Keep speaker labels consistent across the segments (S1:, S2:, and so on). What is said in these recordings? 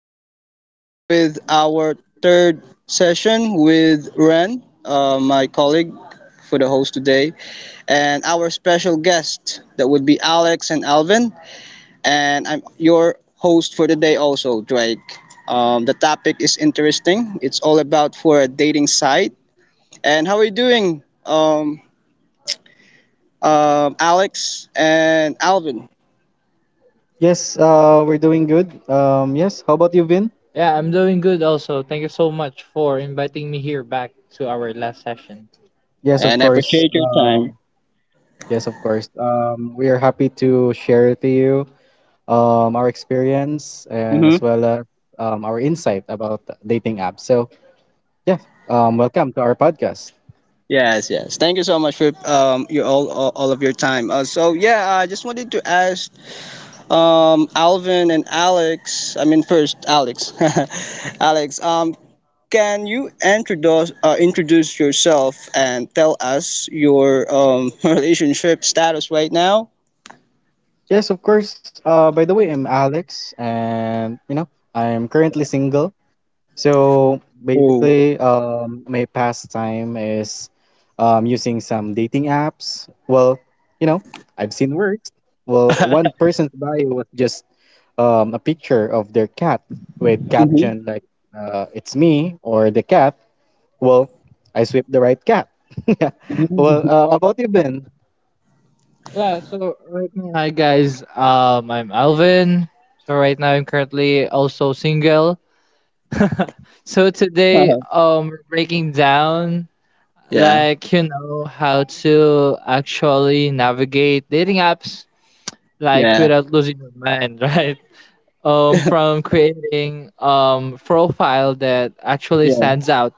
S1: Welcome again with our third session with Ren, my colleague for the host today, and our special guest that would be Alex and Alvin. And I'm your host for the day also Drake. The topic is interesting. It's all about for a dating site. And how are you doing, Alex and Alvin?
S2: Yes, we're doing good. Yes, how about you, Vin? Yeah, I'm doing good also. Thank you so much for inviting me here back to our last session. Yes, of
S1: And I
S2: course.
S1: appreciate your time.
S2: Yes, of course. We are happy to share to you our experience and as
S1: Mm-hmm.
S2: well as our insight about dating apps. Yeah, Welcome to our podcast.
S1: Yes, yes. Thank you so much for your all of your time. So yeah, I just wanted to ask Alvin and Alex. I mean first Alex, Alex. Can you introduce introduce yourself and tell us your relationship status right now?
S2: Yes, of course. By the way, I'm Alex, and I'm currently single. So
S1: Oh.
S2: basically, my pastime is using some dating apps. Well, you know, I've seen worse. Well, one person's bio was just a picture of their cat with
S1: Mhm.
S2: caption like "It's me" or "the cat." Well, I sweep the right cat. Yeah. How about you, Ben? Yeah, so right now, hi guys. I'm Alvin. So right now, I'm currently also single. So today, we're breaking down
S1: yeah.
S2: how to actually navigate dating apps like
S1: Yeah.
S2: without losing your mind, right? From creating profile that actually
S1: Yeah.
S2: stands out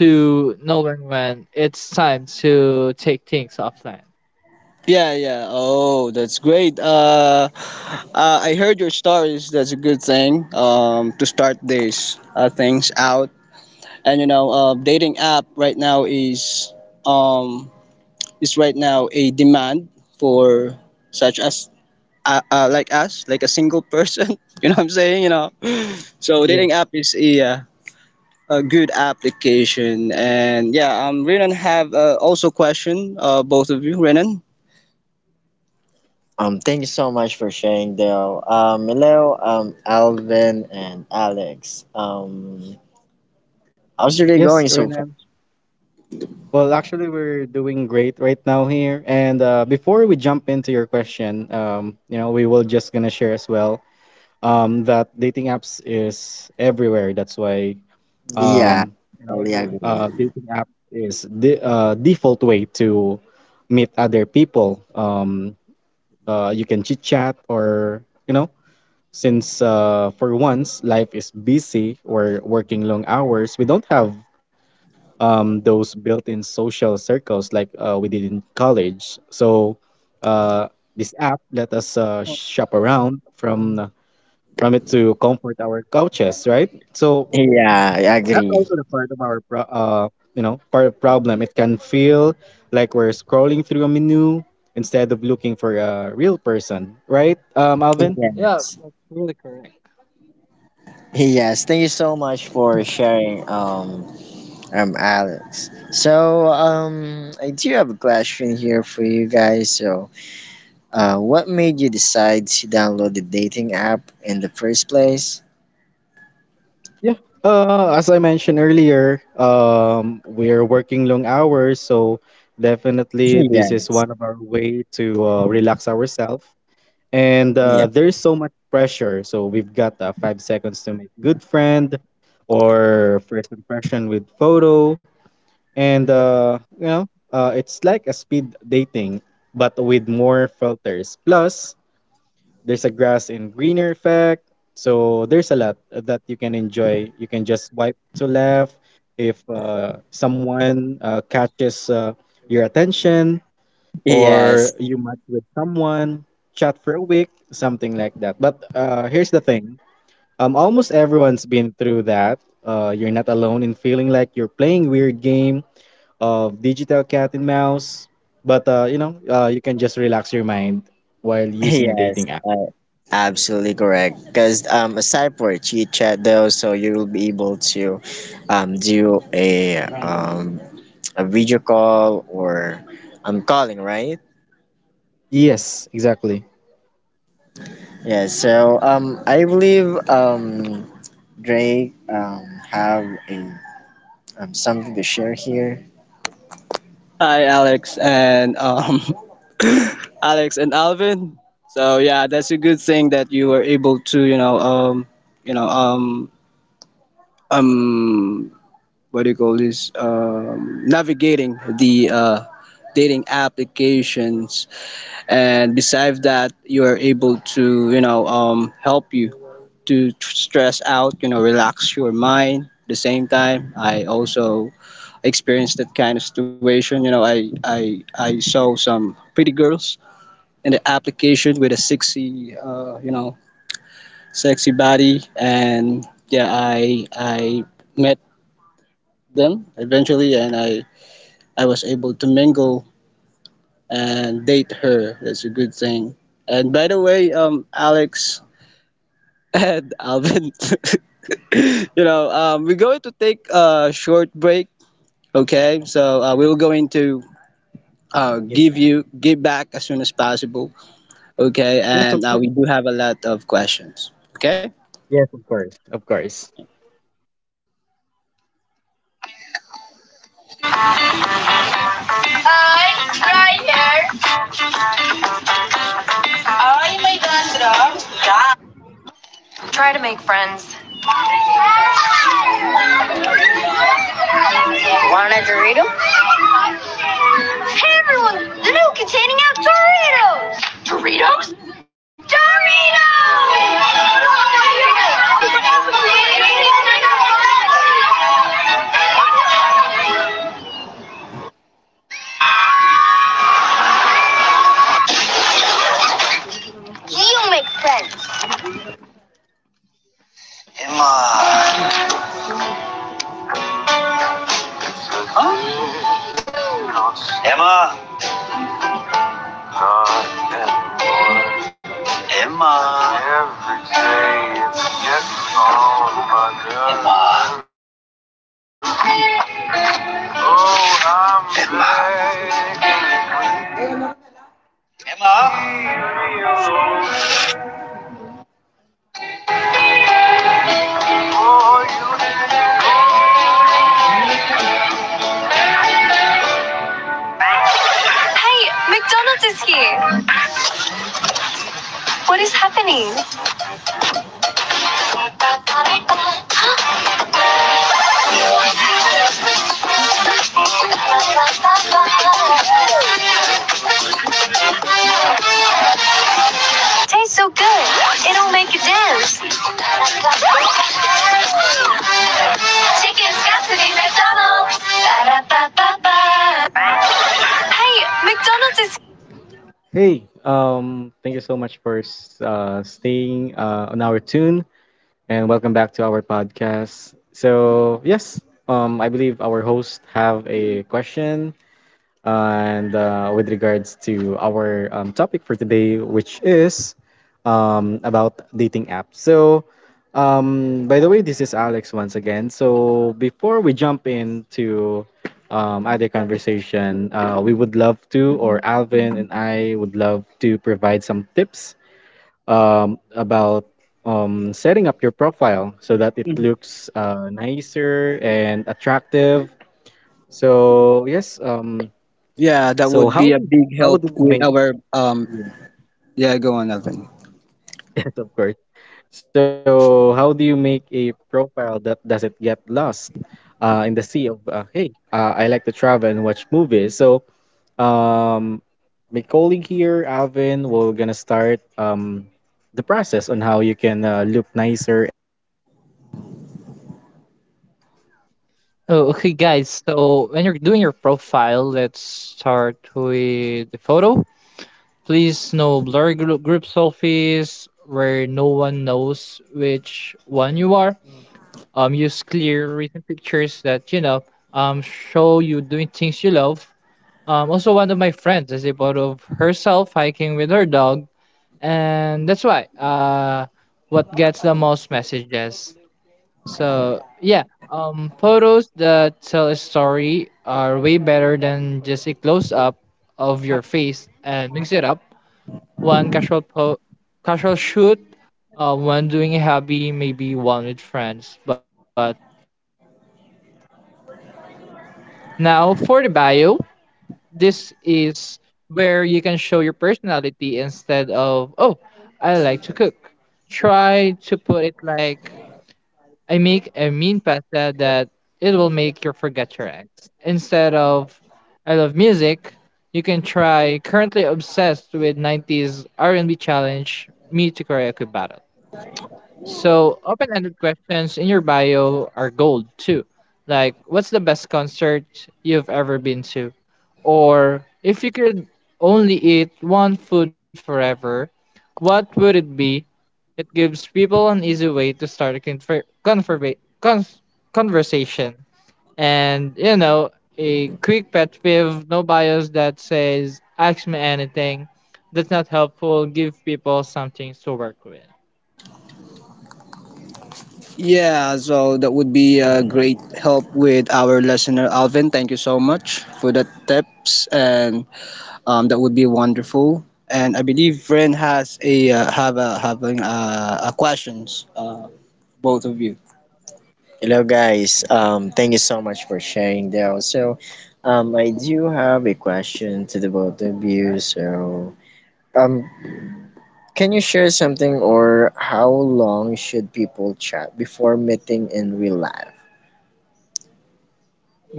S2: to knowing when it's time to take things offline.
S1: Yeah, yeah. Oh, that's great. I heard your stories. That's a good thing. To start these things out, and you know, dating app right now um is right now a demand for such as like us, like a single person. you know what I'm saying? You know, so dating
S2: Yes.
S1: app is a good application, and yeah, Renan have also question both of you, Renan. Thank you so much for sharing, Dale. Hello, Alvin and Alex. How's your day
S2: Yes,
S1: going so far?
S2: Renan. Well, actually, we're doing great right now here. And Before we jump into your question, we will just gonna share as well that dating apps is everywhere. That's why
S1: Yeah,
S2: um you know
S1: totally agree.
S2: dating app is the default way to meet other people. You can chit chat, or since for once life is busy or working long hours, we don't have those built-in social circles like we did in college. Uh this app let us shop around from it to comfort our couches, right?
S1: Yeah, I
S2: That's
S1: agree.
S2: also the part of our part problem. It can feel like we're scrolling through a menu instead of looking for a real person, right? Alvin. Yeah,
S1: Yes,
S2: that's really correct.
S1: yes. Thank you so much for sharing, Alex. So, I do have a question here for you guys. So, what made you decide to download the dating app in the first place?
S2: Yeah. As I mentioned earlier, we're working long hours, so definitely
S1: Yeah,
S2: this is one of our way to relax ourselves. And
S1: yeah,
S2: There's so much pressure. So we've got 5 seconds to make good friend or first impression with photo. And, uh, you know, it's like a speed dating, but with more filters. Plus, there's a grass and greener effect. So there's a lot that you can enjoy. You can just swipe to left if someone catches your attention, or
S1: yes.
S2: you match with someone, chat for a week, something like that. But Here's the thing, almost everyone's been through that. You're not alone in feeling like you're playing weird game of digital cat and mouse. You can just relax your mind while using a
S1: Yes,
S2: dating app.
S1: absolutely correct. Because aside for chit chat though, so you will be able to do a video call or calling, right?
S2: Yes, exactly.
S1: Yeah. So I believe Drake have a something to share here. Hi, Alex and Alex and Alvin. So yeah, that's a good thing that you were able to, you know, um what do you call this navigating the dating applications, and besides that you are able to, you know, help you to stress out, you know, relax your mind. At the same time, I also experienced that kind of situation. You know, I saw some pretty girls in the application with a sexy, you know, sexy body. And yeah, I met them eventually, and I was able to mingle and date her. That's a good thing. And by the way, Alex and Alvin, you know, we're going to take a short break. Okay, so we will going to give you give back as soon as possible. Okay,
S2: Yes,
S1: and
S2: of
S1: we
S2: course.
S1: do have a lot of questions. Okay.
S2: Yes, of course. Of course. I'm Ryder. I'm Alejandra. Try to make friends. Want a Dorito? Hey everyone! The new containing out Doritos! Dorito? Doritos! Do you make friends. Emma. Huh? Emma. Emma. Every day it's yes on my nerves. Oh, I'm Emma. Begging Emma. Oh, hey, McDonald's is here. What is happening? Huh? Tastes so good, it'll make you dance. Chicken's got to be McDonald's. Ba-da-ba-ba-ba. Hey, thank you so much for staying on our tune and welcome back to our podcast. Yes, I believe our hosts have a question, and with regards to our topic for today, which is about dating apps. By the way, this is Alex once again. So, before we jump into other conversation, we would love to, or Alvin and I would love to provide some tips about setting up your profile so that it looks nicer and attractive. So, yes,
S1: Yeah, that would
S2: so
S1: be a big help
S2: how do
S1: with
S2: you make
S1: our.
S2: yeah,
S1: Yeah, go on, Alvin.
S2: Yes, of course. So how do you make a profile that doesn't get lost in the sea of hey I like to travel and watch movies. Um, my colleague here, Alvin, we're gonna start the process on how you can look nicer and attractive. Oh, okay, guys. So when you're doing your profile, let's start with the photo. Please no blurry group selfies where no one knows which one you are. Use clear written pictures that show you doing things you love. Also one of my friends is a photo of herself hiking with her dog, and that's why what gets the most messages. So yeah, Photos that tell a story are way better than just a close up of your face. And mix it up, one casual shoot, one doing a hobby, maybe one with friends, but label yourself. Now for the bio, this is where you can show your personality. Instead of oh, I like to cook, try to put it like I make a mean pasta that it will make you forget your ex. Instead of I love music, you can try currently obsessed with 90s R&B, challenge Me to Karaoke Battle. So open-ended questions in your bio are gold too. Like what's the best concert you've ever been to? Or if you could only eat one food forever, what would it be? It gives people an easy way to start a conversation. And, you know, a quick pet peeve, no bias that says, ask me anything. That's not helpful. Give people something to work with.
S1: Yeah, so that would be a great help with our listener, Alvin. Thank you so much for the tips, and that would be wonderful. And I believe Ren has a have a having a questions, both of you. Hello guys. Thank you so much for sharing there. So, I do have a question to the both of you. So, um, can you share something or how long should people chat before meeting in real life?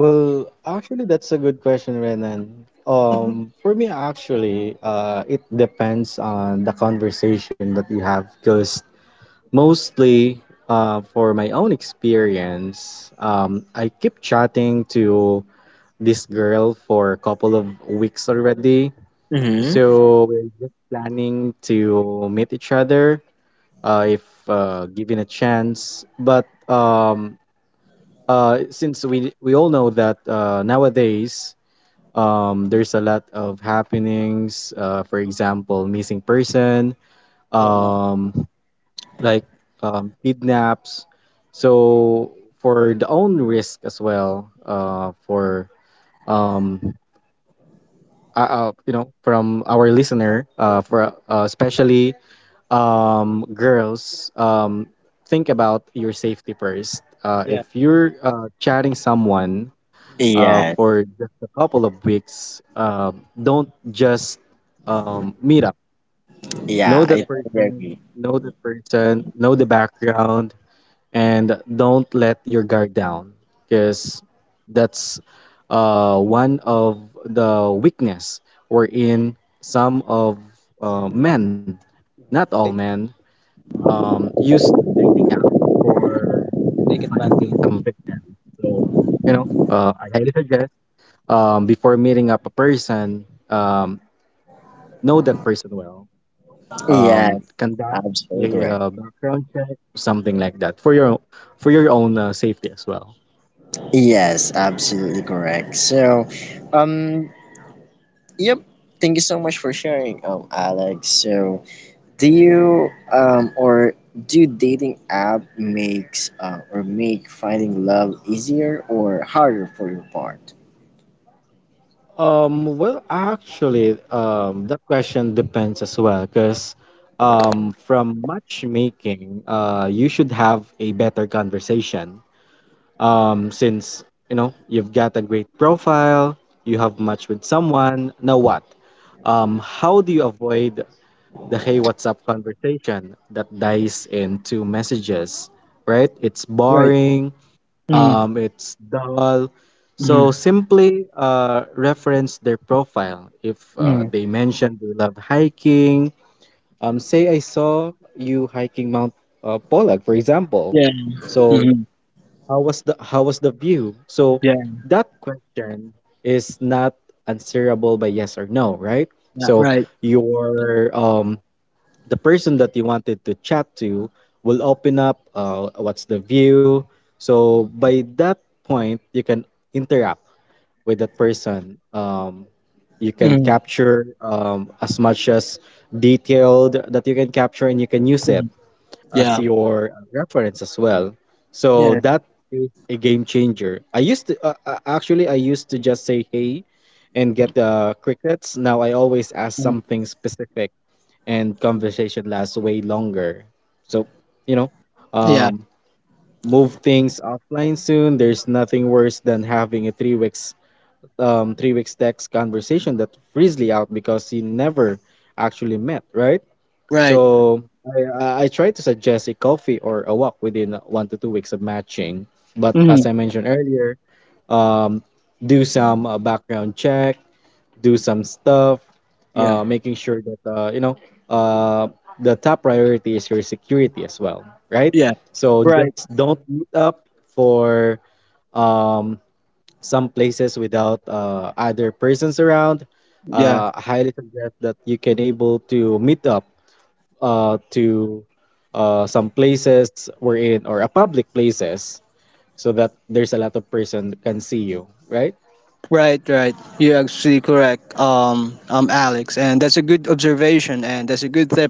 S2: Well, actually, that's a good question, Renan. Mhm. For me, actually, it depends on the conversation that you have, because mostly for my own experience, I keep chatting to this girl for a couple of weeks already. So we're just planning to meet each other if given a chance. But Since we all know that nowadays there's a lot of happenings, for example, missing person, um, like kidnaps. So for the own risk as well, um, from our listener, for especially girls, think about your safety first. If you're chatting someone
S1: Yes,
S2: for just a couple of weeks, don't just meet up. Know
S1: yeah, yeah, I
S2: that
S1: totally
S2: person,
S1: agree.
S2: know that person, know the background, and don't let your guard down, because that's one of the weakness wherein some of men, not all men, use dating app for
S1: Take
S2: finding some
S1: advantage.
S2: victim. so I highly suggest before meeting up a person, know that person well,
S1: Yes,
S2: conduct
S1: absolutely
S2: a
S1: correct.
S2: background check, something like that, for your own safety as well.
S1: Yes, absolutely correct. So, um, yep. Thank you so much for sharing, Alex. So, do you or do dating app makes or make finding love easier or harder for your part?
S2: Well, actually, that question depends as well, because from matchmaking, you should have a better conversation. Since you know you've got a great profile, you have matched with someone. Now what? How do you avoid the hey, what's up conversation that dies into messages? Right? It's
S1: Right.
S2: boring,
S1: Mm,
S2: it's dull. So
S1: mm,
S2: simply reference their profile. If
S1: Mm,
S2: they mention they love hiking, say I saw you hiking Mount Pollack, for example.
S1: yeah.
S2: So
S1: Mm,
S2: how was the view? So
S1: yeah.
S2: that question is not answerable by yes or no, right?
S1: Yeah.
S2: So
S1: Right.
S2: your the person that you wanted to chat to will open up what's the view. So by that point you can interact with that person. You can
S1: Mm,
S2: capture as much as detailed that you can capture, and you can use
S1: mm,
S2: it as
S1: yeah.
S2: your reference as well. So
S1: Yeah.
S2: that is a game changer. I used to Actually I used to just say hey and get the crickets. Now I always ask
S1: Mm,
S2: something specific and conversation lasts way longer. So, you know,
S1: yeah.
S2: um, move things offline soon. There's nothing worse than having a 3 weeks text conversation that freely out because you never actually met, right?
S1: Right.
S2: So I try to suggest a coffee or a walk within 1 to 2 weeks of matching. But as
S1: Mm,
S2: I mentioned earlier, um, do some background check, do some stuff,
S1: yeah.
S2: making sure that uh, the top priority is your security as well, right?
S1: Yeah.
S2: So
S1: Right.
S2: just don't meet up for um, some places without other persons around.
S1: Yeah.
S2: I highly suggest that you can able to meet up to some places we're in, or a public places, so that there's a lot of person can see you, right?
S1: Right. Right. You're actually correct. Alex, and that's a good observation, and that's a good tip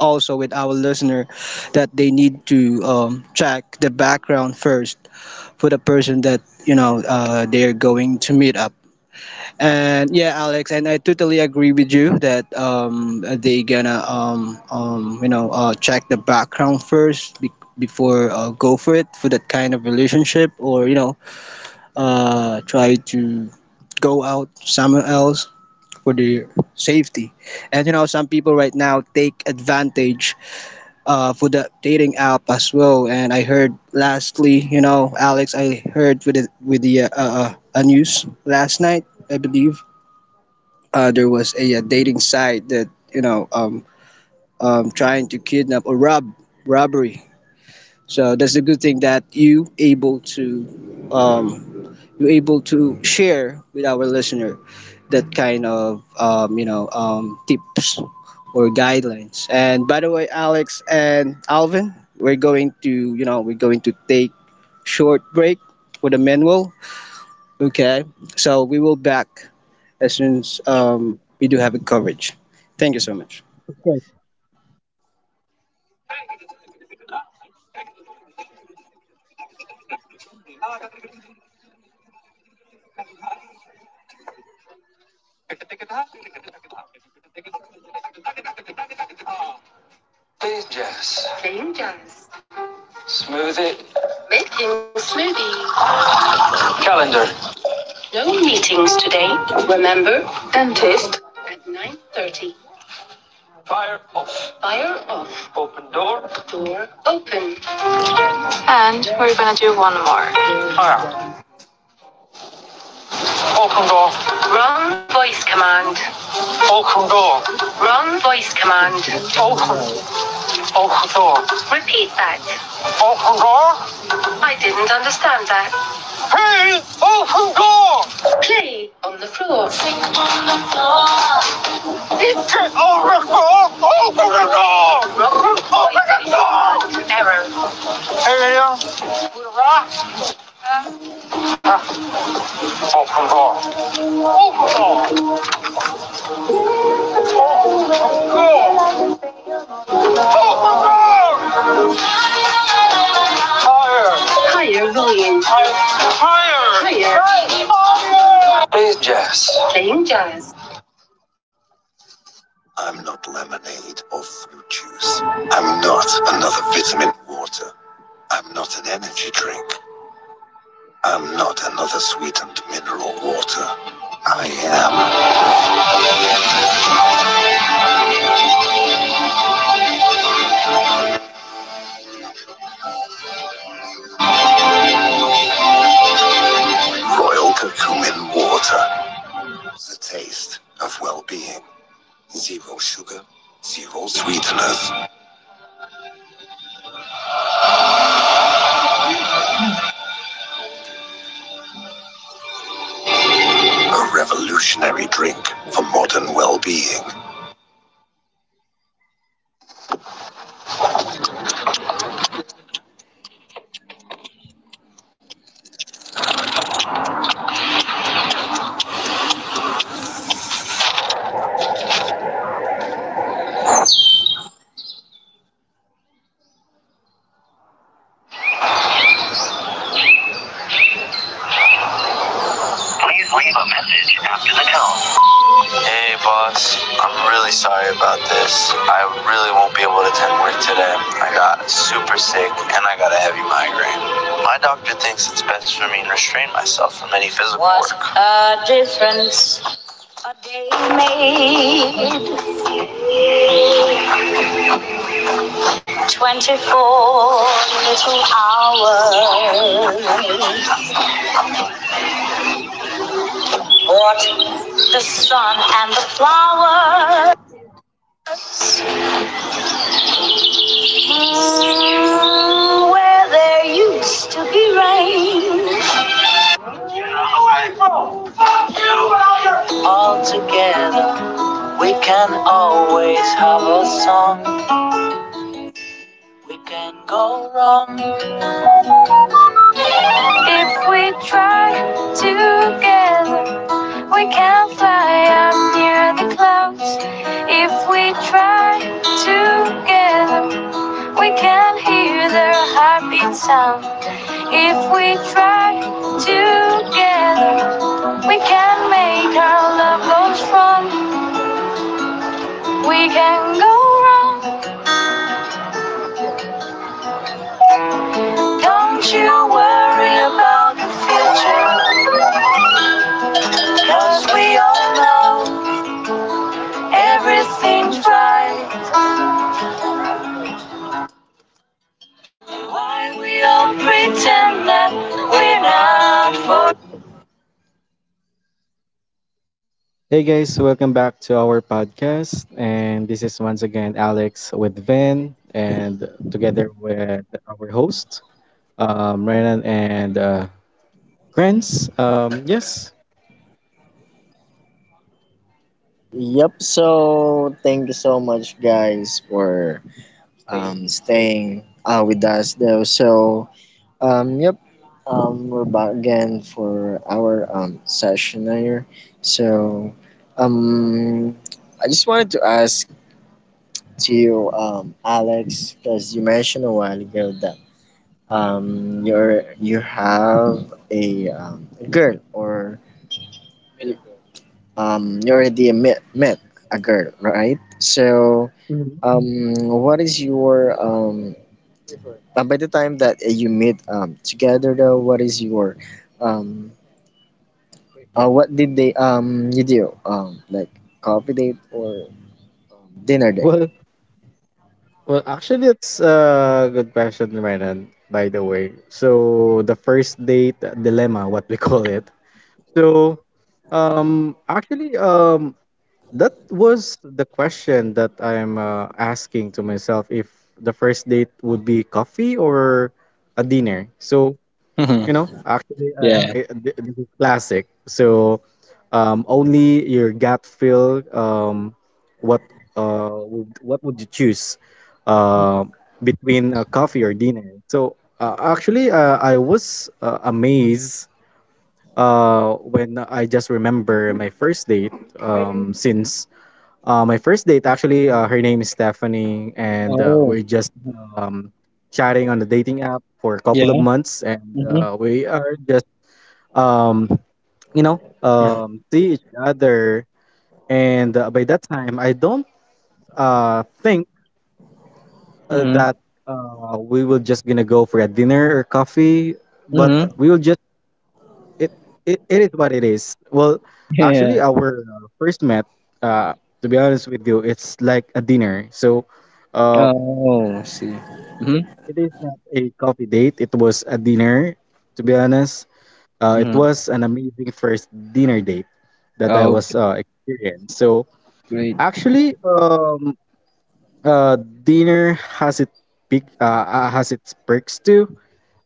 S1: also with our listener that they need to check the background first for the person that you know they're going to meet up. And yeah, Alex and I totally agree with you that they gonna you know, check the background first before go for it for that kind of relationship, or you know, try to go out somewhere else for their safety. And you know, some people right now take advantage for the dating app as well. And I heard lastly, you know, Alex, I heard with the news last night, I believe, there was a, dating site that you know trying to kidnap or robbery. So that's a good thing that you able to share with our listeners, that kind of you know tips or guidelines. And by the way, Alex and Alvin, we're going to, you know, we're going to take short break for the manual. Okay, so we will back as soon as we do have a coverage. Thank you so much.
S2: Smoothie. Making smoothie. Calendar. No meetings today. Remember, dentist at 9:30. Fire off. Fire off. Open door. Door open. Open door. Wrong voice command. Open door. Wrong voice command. Open. Open door. Repeat that. Open door. I didn't understand that. Hey! Open door! Play on the floor. Open the door! Open the door! Wrong voice Open door! Command. Error. Everything? With a rock? Huh. Open door. Open door. Open door. Open door. Higher. Higher volume. Higher. Higher. Higher. Please, Jess. Playing jazz. I'm not lemonade or fruit juice. I'm not another vitamin water. I'm not an energy drink. I'm not another sweetened mineral water. I am Royal Curcumin Water, the taste of well-being. Zero sugar, zero sweeteners. A revolutionary drink for modern well being. Please leave a message after the tone. Hey, boss. I'm really sorry about this. I really won't be able to attend work today. I got super sick and I got a heavy migraine. My doctor thinks it's best for me to restrain myself from any physical was work. What a difference a day made, 24 little hours. What? The sun and the flowers. Mm, where there used to be rain. If we try together, we can fly up near the clouds. If we try together, we can hear their heartbeat sound. If we try together, we can make our love grow strong. We can go wrong. Don't you worry about the future. Cause we all know everything's right. Why we all pretend that we're not for. Hey guys, welcome back to our podcast. And this is once again Alex with Van and together with our host, Renan and Grants. Yes,
S1: Yep. So thank you so much, guys, for staying with us, though. So yep, we're back again for our session here. So, um, I just wanted to ask to you, Alex, because you mentioned a while ago that you have a, a girl or you already met a girl, right? So, what is your by the time that you meet together though, what is your um, what did they you do? Like coffee date or dinner date?
S2: well, well, actually, it's a good question, Renan, by the way. So, the first date dilemma, what we call it. So, um, actually, um, that was the question that I'm asking to myself if the first date would be coffee or a dinner. So, you know, actually, this is classic. So, only your gut feel what what would you choose uh, between coffee or dinner? So actually I was amazed when I just remember my first date. Since my first date, actually, her name is Stephanie and
S1: Oh,
S2: we're just um, chatting on the dating app for a couple of
S1: yeah.
S2: months and we are just um, see each other. And by that time I don't think
S1: Mm-hmm.
S2: that we will just gonna go for a dinner or coffee, but
S1: Mm-hmm.
S2: we will just it it is what it is. Well, actually,
S1: Yeah.
S2: our first met, uh to be honest with you, it's like a dinner. So uh
S1: Oh, I see.
S2: it,
S1: Mm-hmm.
S2: it is not a coffee date, it was a dinner, to be honest. It
S1: Mm-hmm.
S2: was an amazing first dinner date that I
S1: Oh,
S2: was experienced. So
S1: great.
S2: actually, Uh, dinner has has its perks too.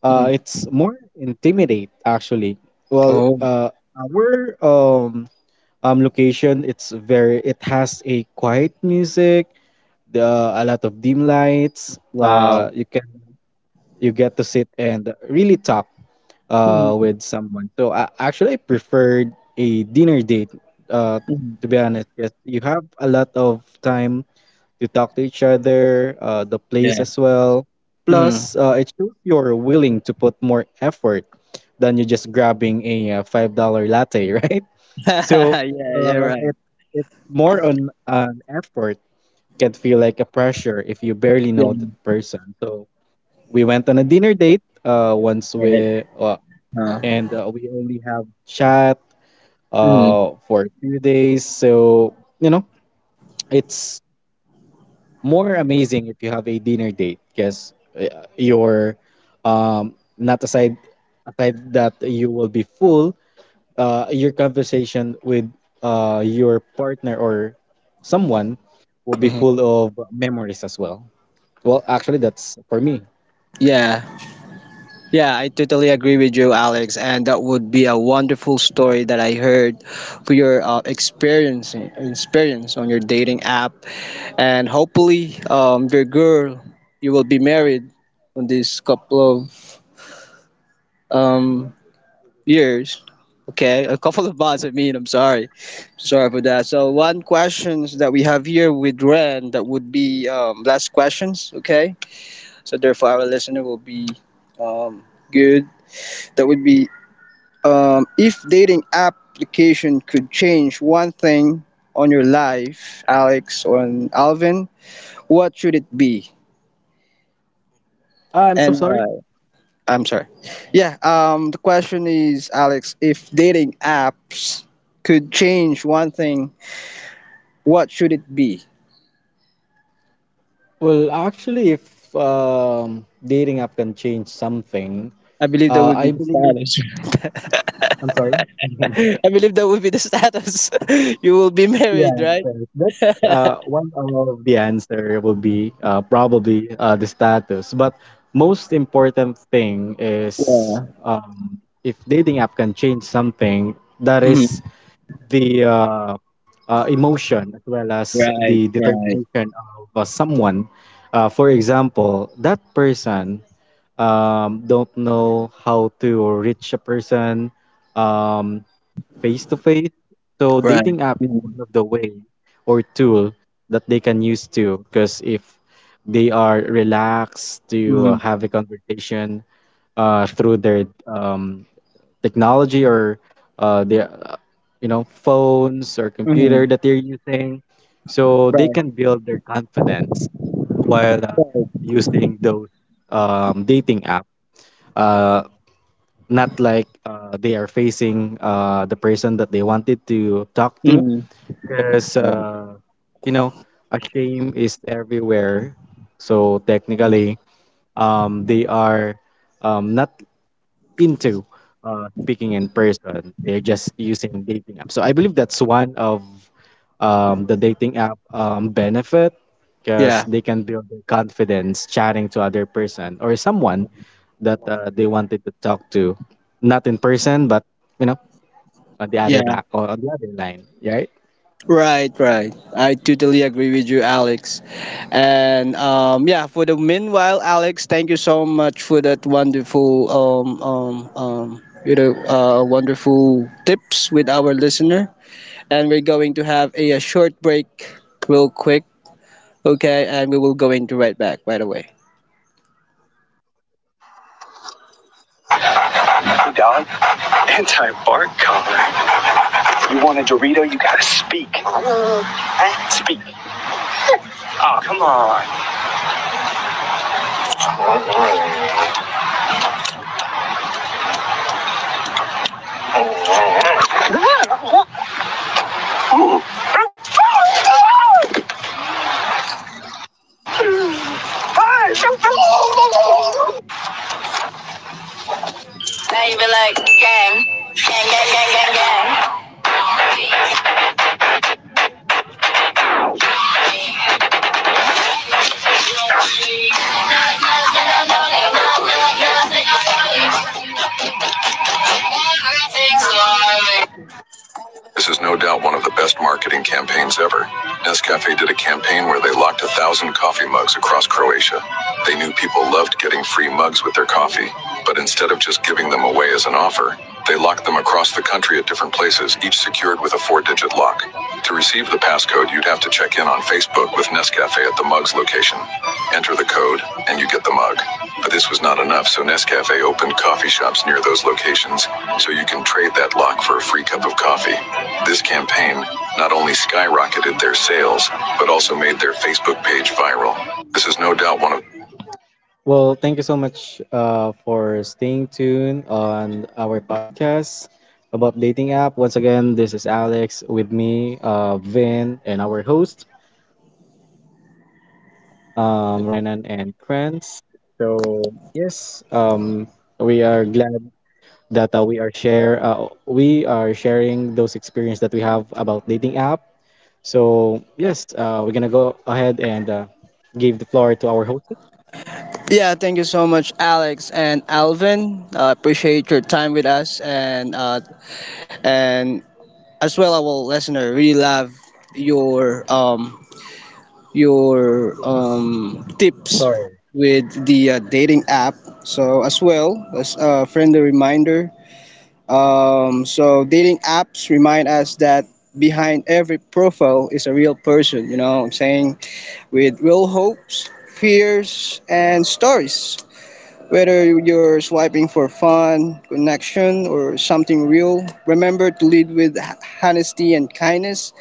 S1: Mm-hmm.
S2: It's more intimidate actually. Well,
S1: Oh,
S2: our um location, it's very, it has a quiet music, the a lot of dim lights.
S1: wow.
S2: You can, you get to sit and really talk
S1: Mm-hmm.
S2: with someone. So I preferred a dinner date. Uh,
S1: Mm-hmm.
S2: to be honest, yes, you have a lot of time to talk to each other, the place
S1: Yeah.
S2: as well.
S1: Mm-hmm.
S2: Plus, it shows you're willing to put more effort than you just grabbing a $5 latte, right? So
S1: Yeah, you're
S2: uh,
S1: right.
S2: it it's more on an effort, can feel like a pressure if you barely know that
S1: Yeah,
S2: person. So we went on a dinner date once
S1: you're right.
S2: we
S1: Uh,
S2: and we only have chat
S1: mm-hmm.
S2: for 2 days. So you know it's more amazing if you have a dinner date because you're not aside, aside that you will be full your conversation with your partner or someone will be
S1: Mm-hmm.
S2: full of memories as well. Well, actually, that's for me.
S1: Yeah. Yeah, I totally agree with you, Alex. And that would be a wonderful story that I heard for your experience on your dating app, and hopefully your girl you will be married in this couple of um, years, okay, a couple of months, I mean, I'm sorry, sorry for that. So one questions that we have here with Ren, that would be last questions, okay, so therefore our listener will be um, good, that would be if dating application could change one thing on your life, Alex, or on Alvin, what should it be?
S2: Ah, I'm so
S1: And why?
S2: sorry.
S1: I'm sorry. Yeah, the question is, Alex, if dating apps could change one thing, what should it be?
S2: Well, actually, if dating app can change something,
S1: I believe that would be
S2: I
S1: the
S2: believe,
S1: status.
S2: I'm sorry.
S1: I believe that would be the status. you will be married,
S2: Yeah,
S1: right?
S2: that one of the answer will be probably the status. But most important thing is,
S1: Yeah.
S2: if dating app can change something, that is
S1: Mhm.
S2: the emotion as well as
S1: Right,
S2: the
S1: right,
S2: determination of someone. For example, that person don't know how to reach a person. Um, face to face. So
S1: right.
S2: dating app is
S1: Mhm.
S2: one of the way or tool that they can use too. Because if they are relaxed to
S1: Mhm.
S2: have a conversation through their technology or their you know phones or computer
S1: Mhm.
S2: that they're using, so they
S1: Right,
S2: can build their confidence while
S1: right.
S2: using those dating app. Uh, not like they are facing the person that they wanted to talk to,
S1: Mhm.
S2: because
S1: Right.
S2: you know a shame is everywhere. So technically, they are not into speaking in person, they're just using dating apps. So I believe that's one of the dating app benefit, because
S1: Yeah,
S2: they can build their confidence chatting to other person or someone that they wanted to talk to, not in person, but you know, on the other
S1: yeah.
S2: back or on the other line, right?
S1: Right, right. I totally agree with you, Alex. And yeah, for the meanwhile, Alex, thank you so much for that wonderful, you know, wonderful tips with our listener. And we're going to have a short break, real quick, okay? And we will go into right back right away.
S2: Hey, dog. Anti-bark collar. You want a Dorito? You gotta speak. Huh? Speak. Oh, come on. Like, gang. Gang, gang, gang, gang, gang. This is no doubt one of the best marketing campaigns ever. Nescafe did a campaign where they locked 1,000 coffee mugs across Croatia. They knew people loved getting free mugs with their coffee, but instead of just giving them away as an offer, they locked them across the country at different places, each secured with a 4-digit lock. To receive the passcode, you'd have to check in on Facebook with Nescafe at the mug's location. Enter the code, and you get the mug. But this was not enough, so Nescafe opened coffee shops near those locations, so you can trade that lock for a free cup of coffee. This campaign not only skyrocketed their sales, but also made their Facebook page viral. This is no doubt one of. Well, thank you so much for staying tuned on our podcast about dating app. Once again, this is Alex with me, Vin, and our host Renan and Kranz. So yes, we are glad that we are sharing those experience that we have about dating app. So yes, we're gonna go ahead and give the floor to our host.
S1: Yeah, thank you so much, Alex and Alvin. Appreciate your time with us, and as well our listener. We love your um your tips with the dating app. So as well as a friendly reminder. So dating apps remind us that behind every profile is a real person. You know what I'm saying? With real hopes, fears, and stories. Whether you're swiping for fun, connection, or something real, remember to lead with honesty and kindness,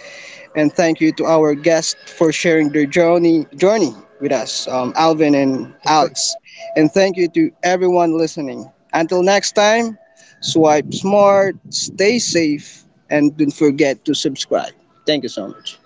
S1: and thank you to our guests for sharing their journey with us, Alvin and Alex. And thank you to everyone listening. Until next time, swipe smart, stay safe, and don't forget to subscribe. Thank you so much.